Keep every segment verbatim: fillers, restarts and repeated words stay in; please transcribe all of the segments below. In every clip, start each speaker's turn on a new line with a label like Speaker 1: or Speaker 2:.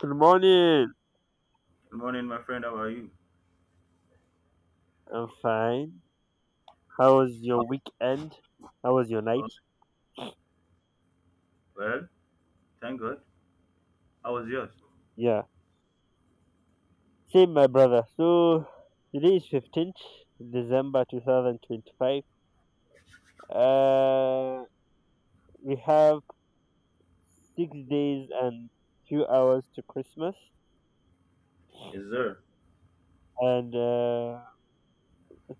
Speaker 1: Good morning.
Speaker 2: Good morning, my friend. How are you?
Speaker 1: I'm fine. How was
Speaker 2: Oh,
Speaker 1: your weekend? How was your night?
Speaker 2: well, thank God. How was yours?
Speaker 1: Yeah. Same, my brother. So today is fifteenth December two thousand twenty-five. Uh, we have six days and few hours to Christmas,
Speaker 2: Yes, sir.
Speaker 1: and uh,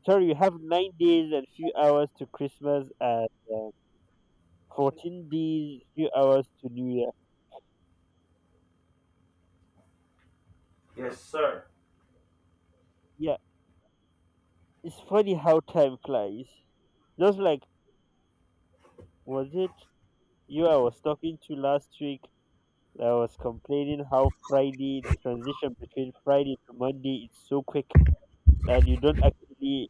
Speaker 1: sorry, we have nine days and few hours to Christmas, and uh, fourteen days, few hours to New Year.
Speaker 2: Yes, sir.
Speaker 1: Yeah, it's funny how time flies. Just like was it you I was talking to last week, I was complaining how Friday, transition between Friday to Monday, it's so quick that you don't actually,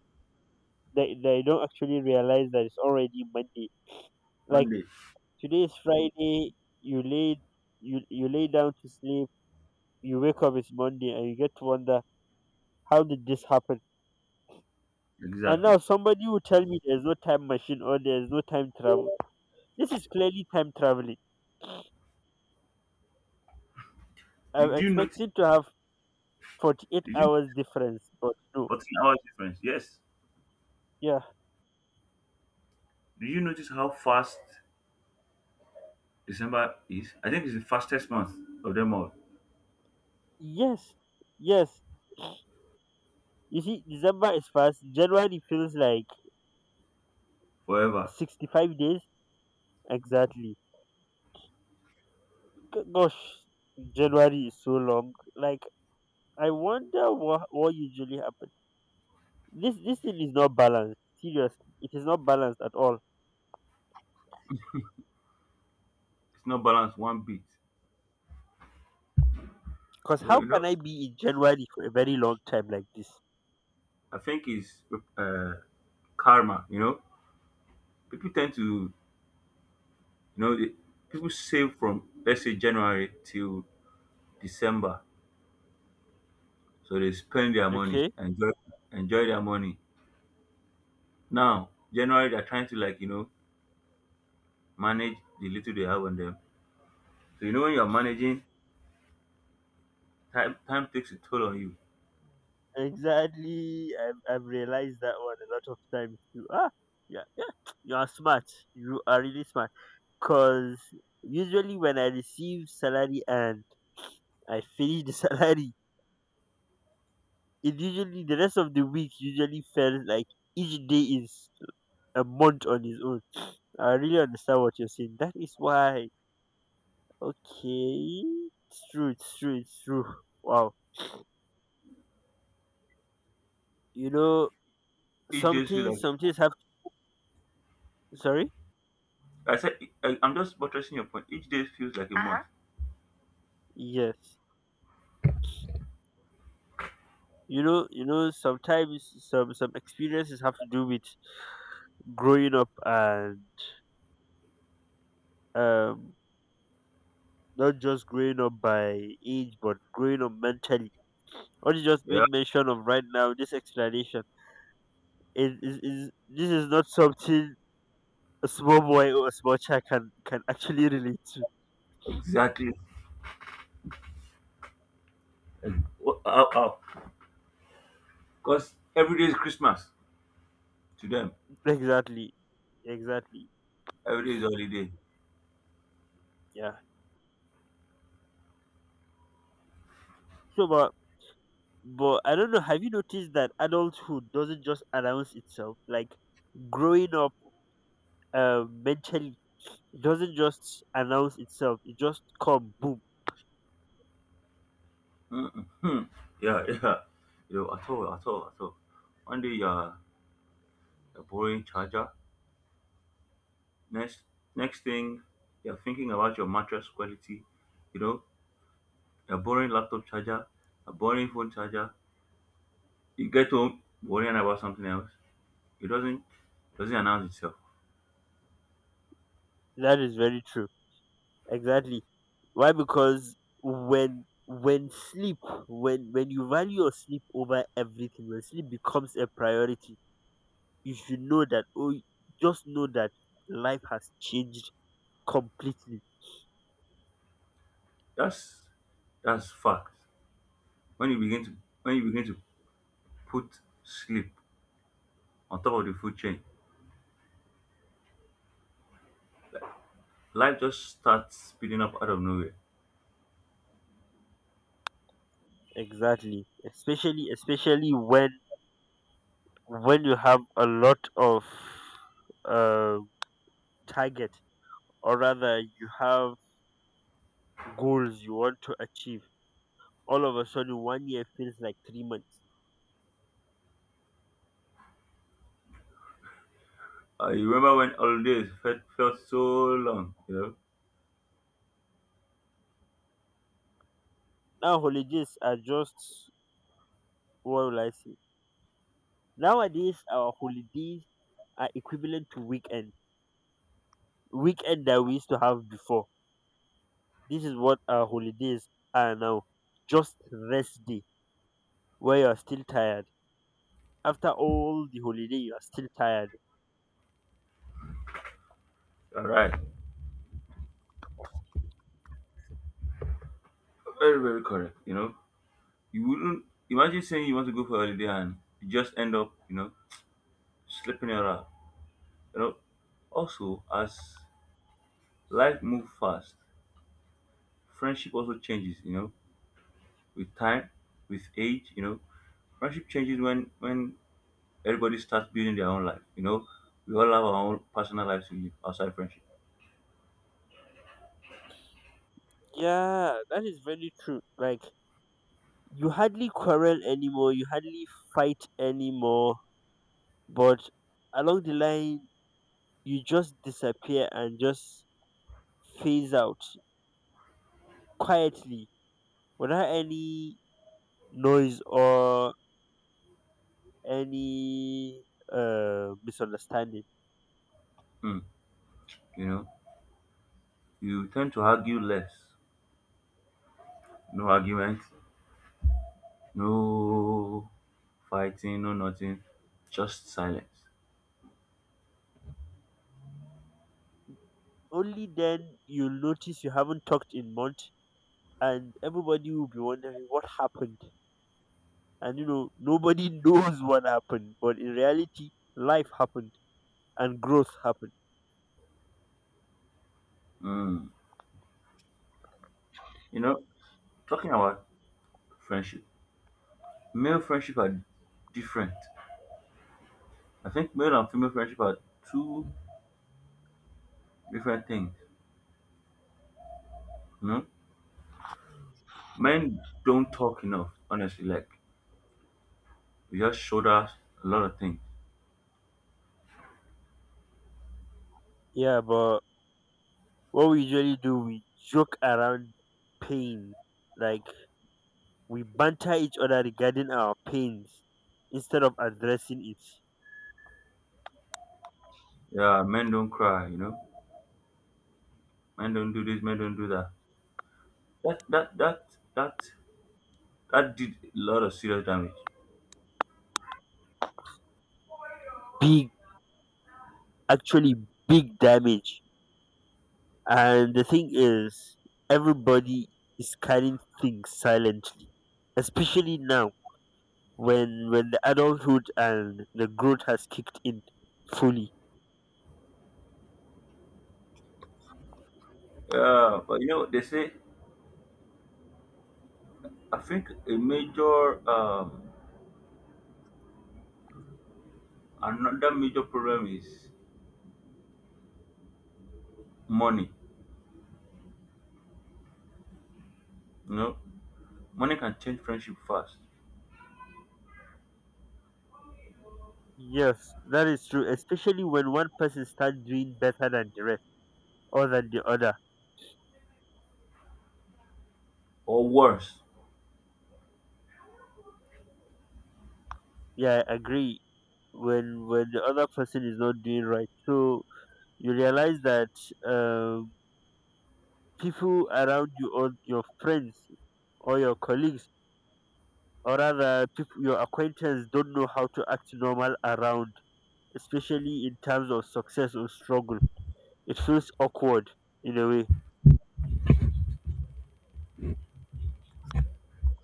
Speaker 1: that that you don't actually realize that it's already Monday. Like
Speaker 2: Monday.
Speaker 1: today is Friday, you lay, you, you lay down to sleep, you wake up, it's Monday and you get to wonder, how did this happen? And now
Speaker 2: Exactly.
Speaker 1: somebody will tell me there's no time machine or there's no time travel. This is clearly time traveling. I'm
Speaker 2: Did you notice?
Speaker 1: expecting to have forty-eight
Speaker 2: Did you
Speaker 1: hours difference, but no.
Speaker 2: fourteen hours difference? Yes.
Speaker 1: Yeah.
Speaker 2: Did you notice how fast December is? I think it's the fastest month of them all
Speaker 1: Yes, yes. You see, December is fast. January feels like
Speaker 2: forever.
Speaker 1: sixty-five days exactly. G- Gosh, January is so long. Like, I wonder what, what usually happens. This, this thing is not balanced. Seriously, it is not balanced at all.
Speaker 2: It's not balanced one bit.
Speaker 1: Because
Speaker 2: Well,
Speaker 1: how
Speaker 2: you
Speaker 1: can
Speaker 2: know,
Speaker 1: I be in January for a very long time like this?
Speaker 2: I think it's uh, karma. You know, people tend to, you know, they, people save from, let's say, January till December. So they spend their money,
Speaker 1: Okay?
Speaker 2: enjoy enjoy their money. Now, generally they're trying to, like, you know, manage the little they have on them. So you know when you're managing, time time takes a toll on you.
Speaker 1: Exactly. I've, I've realized that one a lot of times too. Ah, yeah, yeah. You are smart. You are really smart. Cause usually when I receive salary and I finish the salary, it usually the rest of the week usually felt like each day is a month on its own. I really understand what you're saying. That is why okay. It's true, it's true, it's true. Wow. You know,
Speaker 2: Each
Speaker 1: some
Speaker 2: day feels
Speaker 1: things some
Speaker 2: like
Speaker 1: things have. Sorry?
Speaker 2: I said I, I,'m just buttressing your point. Each day feels like a Uh-huh. month.
Speaker 1: Yes. You know, you know, sometimes some some experiences have to do with growing up and um not just growing up by age, but growing up mentally. What you just
Speaker 2: Yeah,
Speaker 1: made mention of right now, this explanation, is, is, is this is not something a small boy or a small child can, can actually relate to.
Speaker 2: exactly. Because every day is Christmas to them.
Speaker 1: Exactly, exactly,
Speaker 2: Every day is holiday.
Speaker 1: yeah. So, but but I don't know. Have you noticed that adulthood doesn't just announce itself? Like growing up, uh, mentally it doesn't just announce itself. It just come boom.
Speaker 2: Mm-hmm. Yeah, yeah. You know, at all, at all, at all. One day you're a borrowing charger. Next, next thing, you're thinking about your mattress quality. You know, a boring laptop charger, a boring phone charger. You get home worrying about something else. It doesn't doesn't announce itself.
Speaker 1: That is very true. Exactly. Why? Because when when sleep, when when you value your sleep over everything, when sleep becomes a priority, you should know that. Oh, just know that life has changed completely.
Speaker 2: That's that's fact. When you begin to when you begin to put sleep on top of the food chain, life just starts speeding up out of nowhere.
Speaker 1: Exactly. Especially especially when when you have a lot of uh, target, or rather, you have goals you want to achieve. All of a sudden, one year feels like three months.
Speaker 2: Uh, You remember when holidays felt, felt so long, you know?
Speaker 1: Now holidays are just what will I say? Nowadays, our holidays are equivalent to weekend. Weekend that we used to have before. This is what our holidays are now. Just rest day where you are still tired. After all the holiday, you are still tired.
Speaker 2: All right. Very, very correct, you know? You wouldn't imagine saying you want to go for a holiday and you just end up, you know, slipping around. You know, also, as life moves fast, friendship also changes. You know, with time, with age, you know, friendship changes when when everybody starts building their own life. You know, we all have our own personal lives we live outside friendship.
Speaker 1: Yeah, that is very true. Like you hardly quarrel anymore. You hardly fight anymore. But along the line, you just disappear and just phase out quietly without any noise or any uh, misunderstanding.
Speaker 2: Mm, you know, you tend to argue less. No arguments, no fighting, no nothing, just silence.
Speaker 1: Only then you'll notice you haven't talked in months, and everybody will be wondering what happened. And you know, nobody knows what happened, but in reality, life happened and growth happened.
Speaker 2: Mm, you know, talking about friendship. Male friendship are different. I think male and female friendship are two different things. You know, men don't talk enough. Honestly, like, we just showed us a lot of things.
Speaker 1: Yeah, but what we usually do, we joke around pain. Like, we banter each other regarding our pains instead of addressing its.
Speaker 2: Yeah, men don't cry. You know, men don't do this, men don't do that. That that that that that did a lot of serious damage.
Speaker 1: Big, actually big damage. And the thing is, everybody is carrying things silently, especially now when when the adulthood and the growth has kicked in fully.
Speaker 2: Yeah, but you know they say. I think a major um another major problem is money. You know, money can change friendship fast
Speaker 1: Yes, that is true. Especially when one person starts doing better than the rest, or than the other.
Speaker 2: or worse.
Speaker 1: Yeah, I agree. When when the other person is not doing right, so you realize that um, people around you or your friends or your colleagues or rather people, your acquaintance don't know how to act normal around, especially in terms of success or struggle. It feels awkward in a way.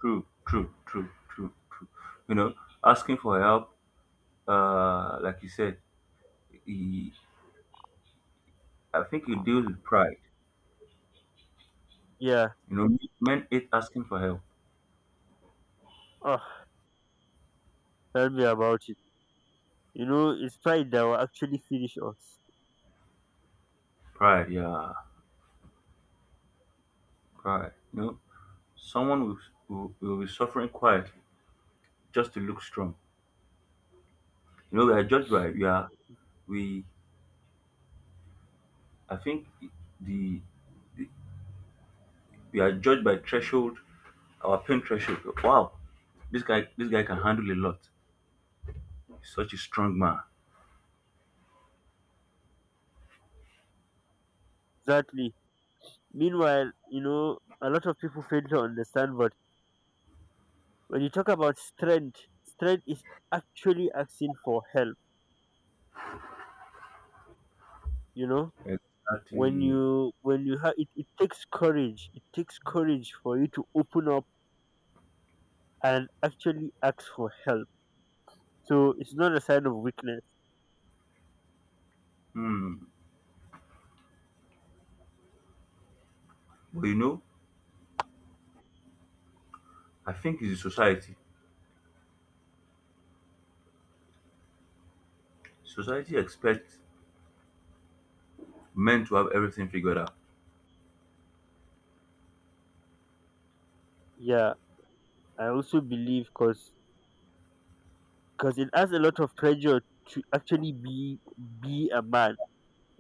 Speaker 2: True, true, true, true, true. You know, asking for help, uh, like you said, he, I think it deals with pride.
Speaker 1: Yeah.
Speaker 2: You know, men hate asking for help.
Speaker 1: Oh, tell me about it. You know, it's pride that will actually finish us.
Speaker 2: Pride, yeah, pride. You know, someone will, will, will be suffering quietly just to look strong. You know, we are judged by, we are, we, I think the, we are judged by threshold, our pain threshold. Wow, this guy, this guy can handle a lot. He's such a strong man.
Speaker 1: Exactly. Meanwhile, you know, a lot of people fail to understand, but when you talk about strength, strength is actually asking for help, you know? When
Speaker 2: Exactly.
Speaker 1: you when you have it, it takes courage. It takes courage for you to open up and actually ask for help. So it's not a sign of weakness.
Speaker 2: But you know, I think it's the society. Society expects men to have everything figured out.
Speaker 1: Yeah, I also believe because because it has a lot of pressure to actually be be a man.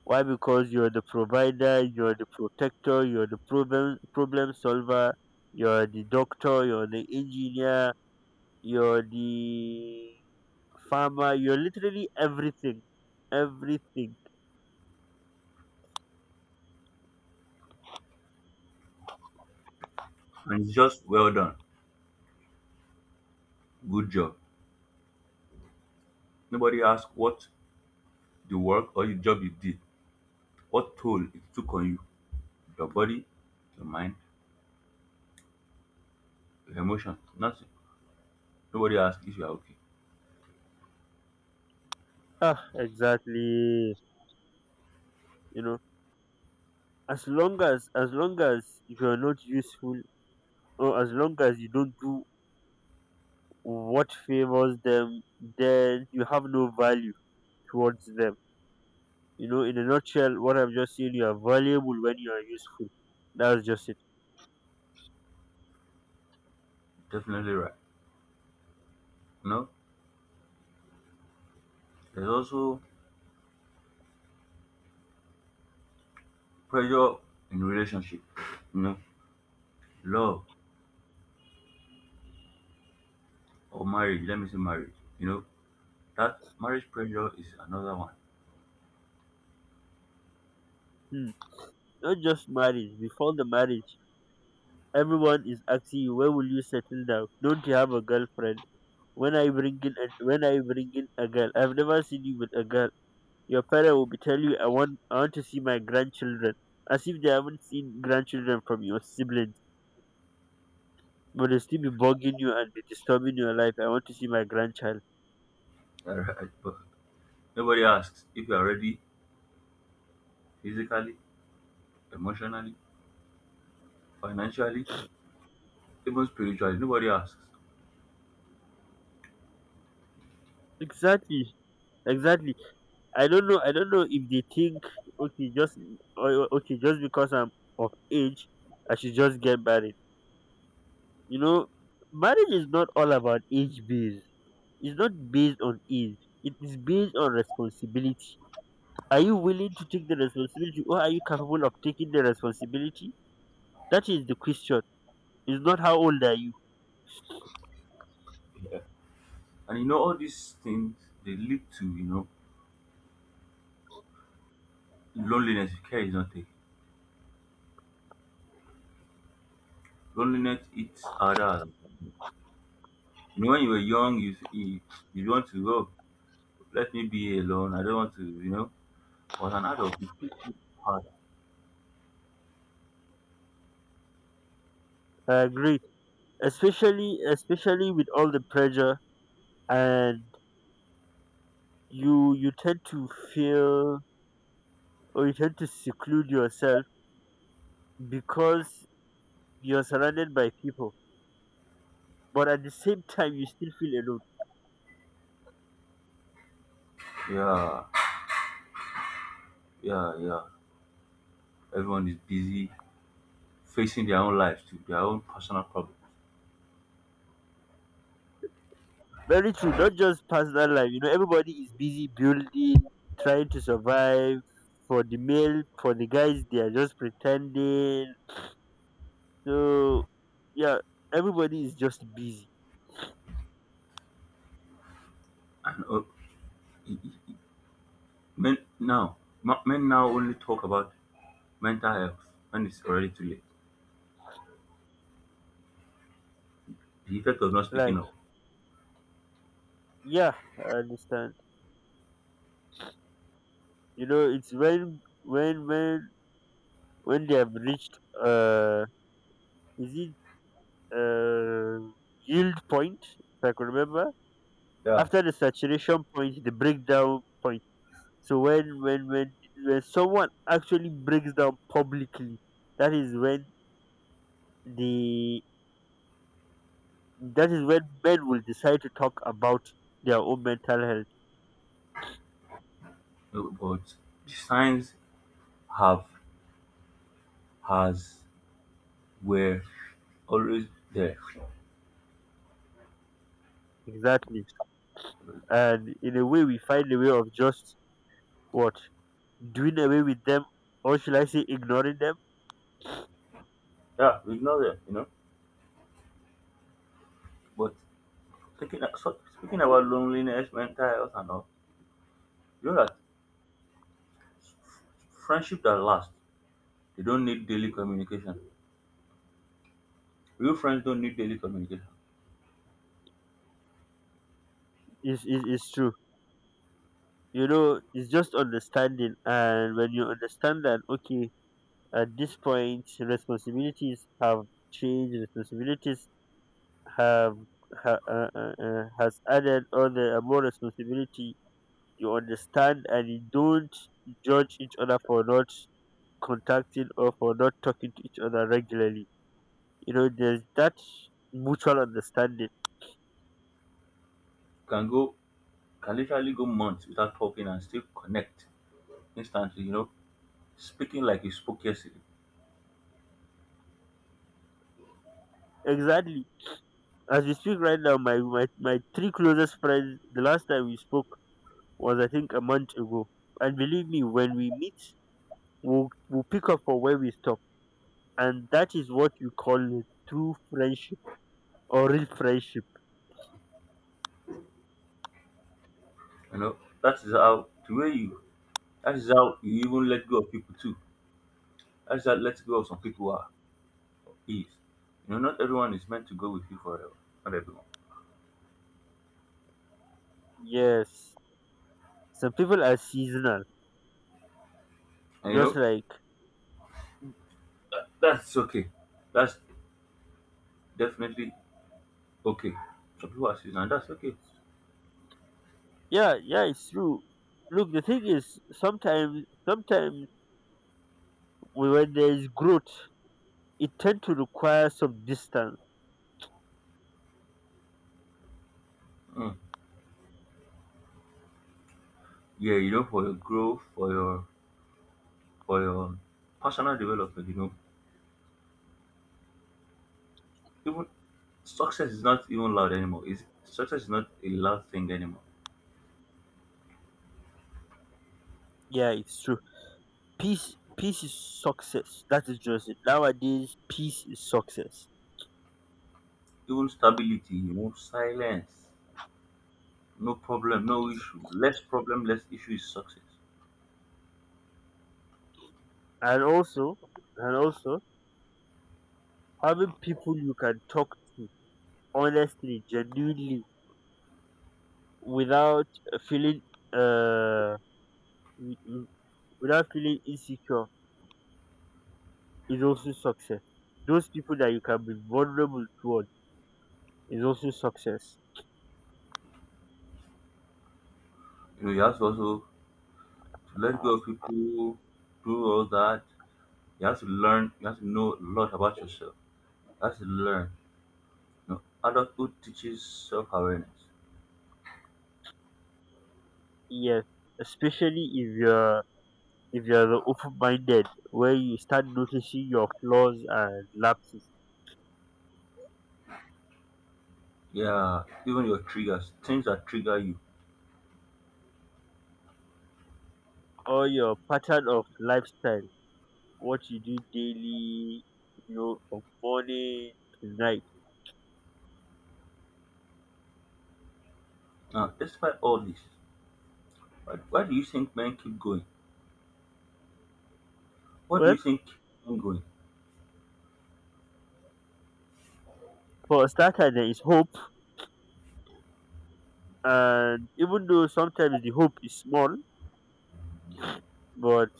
Speaker 1: Why? Because you're the provider, you're the protector, you're the problem problem solver, you're the doctor, you're the engineer, you're the farmer, you're literally everything, everything.
Speaker 2: And it's just well done. Good job. Nobody asks what the work or the job you did, what toll it took on you, your body, your mind, your emotion, nothing. Nobody asks if you are okay.
Speaker 1: Ah, exactly. You know, as long as as long as you're not useful. So as long as you don't do what favors them, then you have no value towards them. You know, in a nutshell, what I've just said, you are valuable when you are useful. That's just it.
Speaker 2: Definitely right. You know, there's also pressure in relationship. You know, love or marriage. Let me say marriage. You know, that marriage pressure is another one.
Speaker 1: Hmm. Not just marriage. Before the marriage, everyone is asking you, where will you settle down? Don't you have a girlfriend? When I bring in, a, when I bring in a girl, I've never seen you with a girl. Your parent will be telling you, I want, I want to see my grandchildren, as if they haven't seen grandchildren from your siblings but they'll still be bugging you and be disturbing your life. I want to see my grandchild.
Speaker 2: Alright, but nobody asks if you are ready physically, emotionally, financially, even spiritually. Nobody asks.
Speaker 1: Exactly, exactly. I don't know. I don't know if they think okay, just o- o- okay, just because I'm of age, I should just get married. You know, marriage is not all about age based. It's not based on age. It is based on responsibility. Are you willing to take the responsibility, or are you capable of taking the responsibility? That is the question. It's not how old are you.
Speaker 2: Yeah. And you know, all these things, they lead to, you know, loneliness if care is not taken. Loneliness eats other. You know, when you were young, you you, you want to go, let me be alone. I don't want to, you know. But an adult, it's so hard.
Speaker 1: I agree, especially especially with all the pressure and you you tend to feel or you tend to seclude yourself because you're surrounded by people but at the same time you still feel alone.
Speaker 2: Yeah, yeah, yeah. Everyone is busy facing their own lives, to their own personal problems.
Speaker 1: Very true. Not just personal life. You know, everybody is busy building, trying to survive. For the male for the guys, they are just pretending. So yeah, everybody is just busy.
Speaker 2: And uh, men now, ma- men now only talk about mental health when it's already too late, the effect of not speaking
Speaker 1: Like,
Speaker 2: up.
Speaker 1: yeah, I understand. You know, it's when when when when they have reached, uh is it, uh, yield point, if I can remember.
Speaker 2: Yeah.
Speaker 1: After the saturation point, the breakdown point. So when when when, when someone actually breaks down publicly, that is when the that is when men will decide to talk about their own mental health.
Speaker 2: Uh, But the signs have has were always there.
Speaker 1: Exactly. And in a way we find a way of just what? Doing away with them or should I say ignoring them.
Speaker 2: Yeah, we know that, you know. But thinking so speaking about loneliness, mental health and all, you know that friendship that lasts, they don't need daily communication. Real friends don't need daily communication.
Speaker 1: Is, is, is true. You know, it's just understanding and when you understand that, okay, at this point, responsibilities have changed. Responsibilities have ha, uh, uh, uh, has added other and more responsibility. You understand, and you don't judge each other for not contacting or for not talking to each other regularly. You know, there's that mutual understanding.
Speaker 2: Can go can literally go months without talking and still connect instantly, you know, speaking like you spoke yesterday.
Speaker 1: Exactly. As we speak right now, my, my my three closest friends. The last time we spoke was I think a month ago. And believe me, when we meet, we'll, we'll pick up from where we stopped. And that is what you call a true friendship or real friendship.
Speaker 2: You know, that is how the way you that is how you even let go of people too. That's that let go of some people are is. You know, not everyone is meant to go with you forever. Not everyone.
Speaker 1: Yes, some people are seasonal,
Speaker 2: And you
Speaker 1: just
Speaker 2: know,
Speaker 1: like.
Speaker 2: that's okay. That's definitely okay. Some people are seasonal, that's okay.
Speaker 1: Yeah, yeah, it's true. Look, the thing is, sometimes, sometimes when there is growth, it tend to require some distance.
Speaker 2: Mm. Yeah, you know, for your growth, for your for your personal development, you know. Even success is not even loud anymore. Is success is not a loud thing anymore.
Speaker 1: Yeah, it's true. Peace, peace is success. That is just it. Nowadays, peace is success,
Speaker 2: Even stability, you know, silence, no problem, no issue. Less problem, less issue is success.
Speaker 1: and also, and also having people you can talk to honestly, genuinely without feeling uh w- w- without feeling insecure is also success. Those people that you can be vulnerable toward is also success.
Speaker 2: You know, you have to also to let go of people, do all that. You have to learn. You have to know a lot about yourself. You have to learn. You know, adulthood teaches self-awareness.
Speaker 1: Yes, especially if you're if you're the open-minded, where you start noticing your flaws and lapses,
Speaker 2: Yeah, even your triggers, things that trigger you.
Speaker 1: or your pattern of lifestyle, what you do daily, you know, from morning to night.
Speaker 2: Now, despite all this, why, why do you think men keep going? What do
Speaker 1: Well,
Speaker 2: you think keeps men going?
Speaker 1: for a starter, there is hope, and even though sometimes the hope is small, but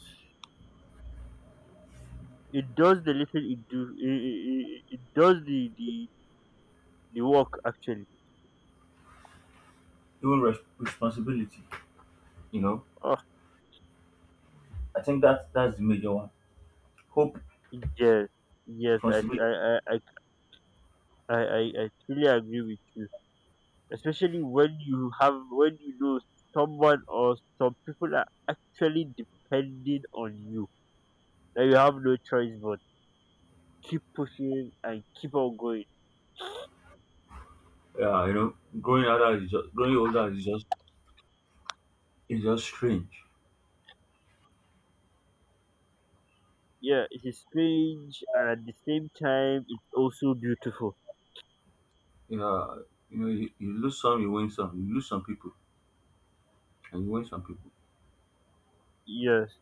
Speaker 1: it does the little it do. It, it, it does the the the work actually.
Speaker 2: Even res- responsibility. You know,
Speaker 1: Oh
Speaker 2: I think that that's the major one. Hope,
Speaker 1: yes, yes. I
Speaker 2: responsibility.
Speaker 1: I I I I, I truly agree with you. Especially when you have when you know someone or some people are actually depending on you. That you have no choice but to keep pushing and keep on going.
Speaker 2: Yeah, you know, growing older is just growing older is just is just strange.
Speaker 1: Yeah, it is strange and at the same time it's also beautiful.
Speaker 2: Yeah, you know, you, you lose some, you win some. You lose some people, and you win some people.
Speaker 1: Yes.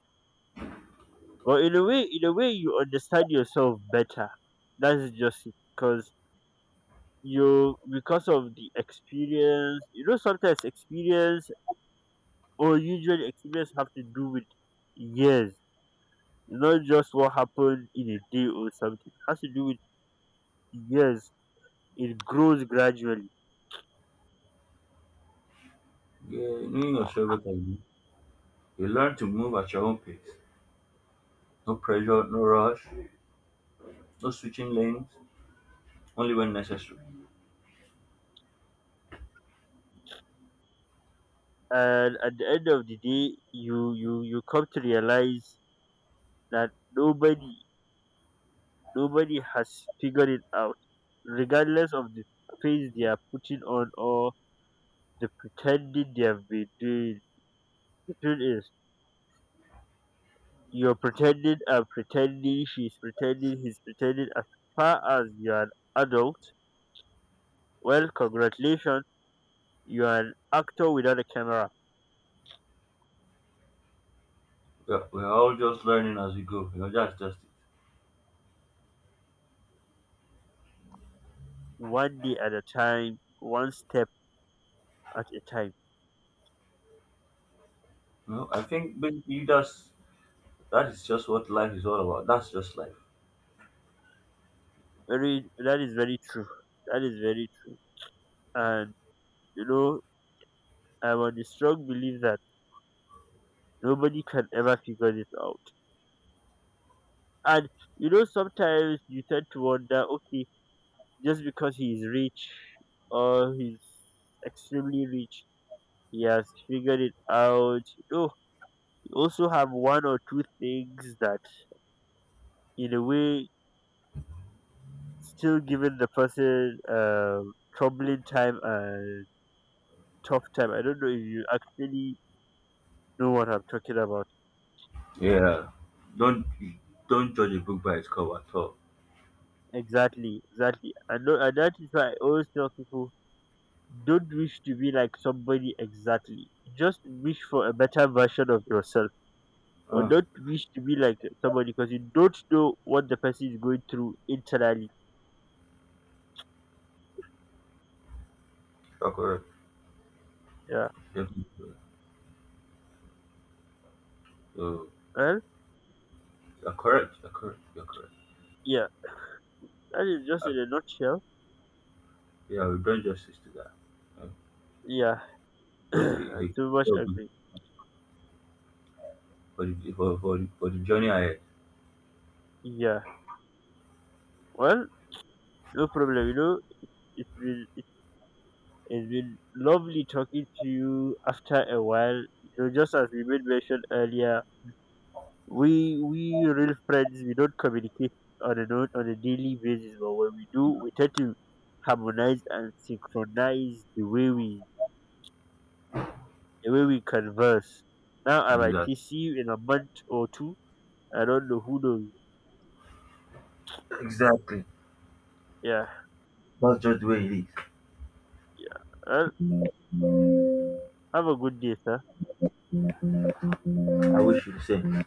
Speaker 1: But in a way, in a way, you understand yourself better. That's just it. Because you, because of the experience, you know, sometimes experience or usually experience have to do with years, not just what happened in a day or something. It has to do with years. It grows gradually,
Speaker 2: Yeah, knowing yourself better, you you learn to move at your own pace. No pressure, no rush, no switching lanes, only when necessary.
Speaker 1: and at the end of the day, you you you come to realize that nobody nobody has figured it out, regardless of the phase they are putting on or the pretending they have been doing. The truth is, you're pretending, I'm pretending, she's pretending, he's pretending. As far as you're an adult, well, congratulations, you're an actor without a camera,
Speaker 2: Yeah, we're all just learning as we go. You know, that's just it.
Speaker 1: one day at a time, one step at a time.
Speaker 2: You know, I think basically that's that is just what life is all about. That's just life.
Speaker 1: Very, that is very true. That is very true. And, you know, I'm on the strong belief that nobody can ever figure this out. And, you know, sometimes you tend to wonder, okay, just because he's rich or he's extremely rich, he has figured it out. No, you also have one or two things that, in a way, still giving the person um, troubling time and tough time. I don't know if you actually know what I'm talking about.
Speaker 2: Yeah, don't don't judge a book by its cover at all.
Speaker 1: Exactly, exactly. And, no, and that is why I always tell people don't wish to be like somebody exactly. Just wish for a better version of yourself. Or
Speaker 2: Mm,
Speaker 1: not wish to be like somebody because you don't know what the person is going through internally.
Speaker 2: you're correct.
Speaker 1: Yeah.
Speaker 2: Definitely correct. So,
Speaker 1: Well,
Speaker 2: you're correct. You're correct. You're correct.
Speaker 1: yeah, that is just in a nutshell.
Speaker 2: Yeah, we've done justice to that. Uh,
Speaker 1: Yeah.
Speaker 2: just a,
Speaker 1: I
Speaker 2: a
Speaker 1: so much agree.
Speaker 2: for the for, for the for the journey ahead.
Speaker 1: Yeah. Well, no problem. You know, it's been it has been lovely talking to you after a while. You know, just as we made mention earlier, we we real friends we don't communicate on a note on a daily basis, but when we do, we tend to harmonize and synchronize the way we the way we converse. Now I might
Speaker 2: Exactly.
Speaker 1: see you in a month or two. I don't know, who knows.
Speaker 2: Exactly.
Speaker 1: Yeah.
Speaker 2: That's just the way it is.
Speaker 1: Well, have a good day, sir.
Speaker 2: I wish you the same.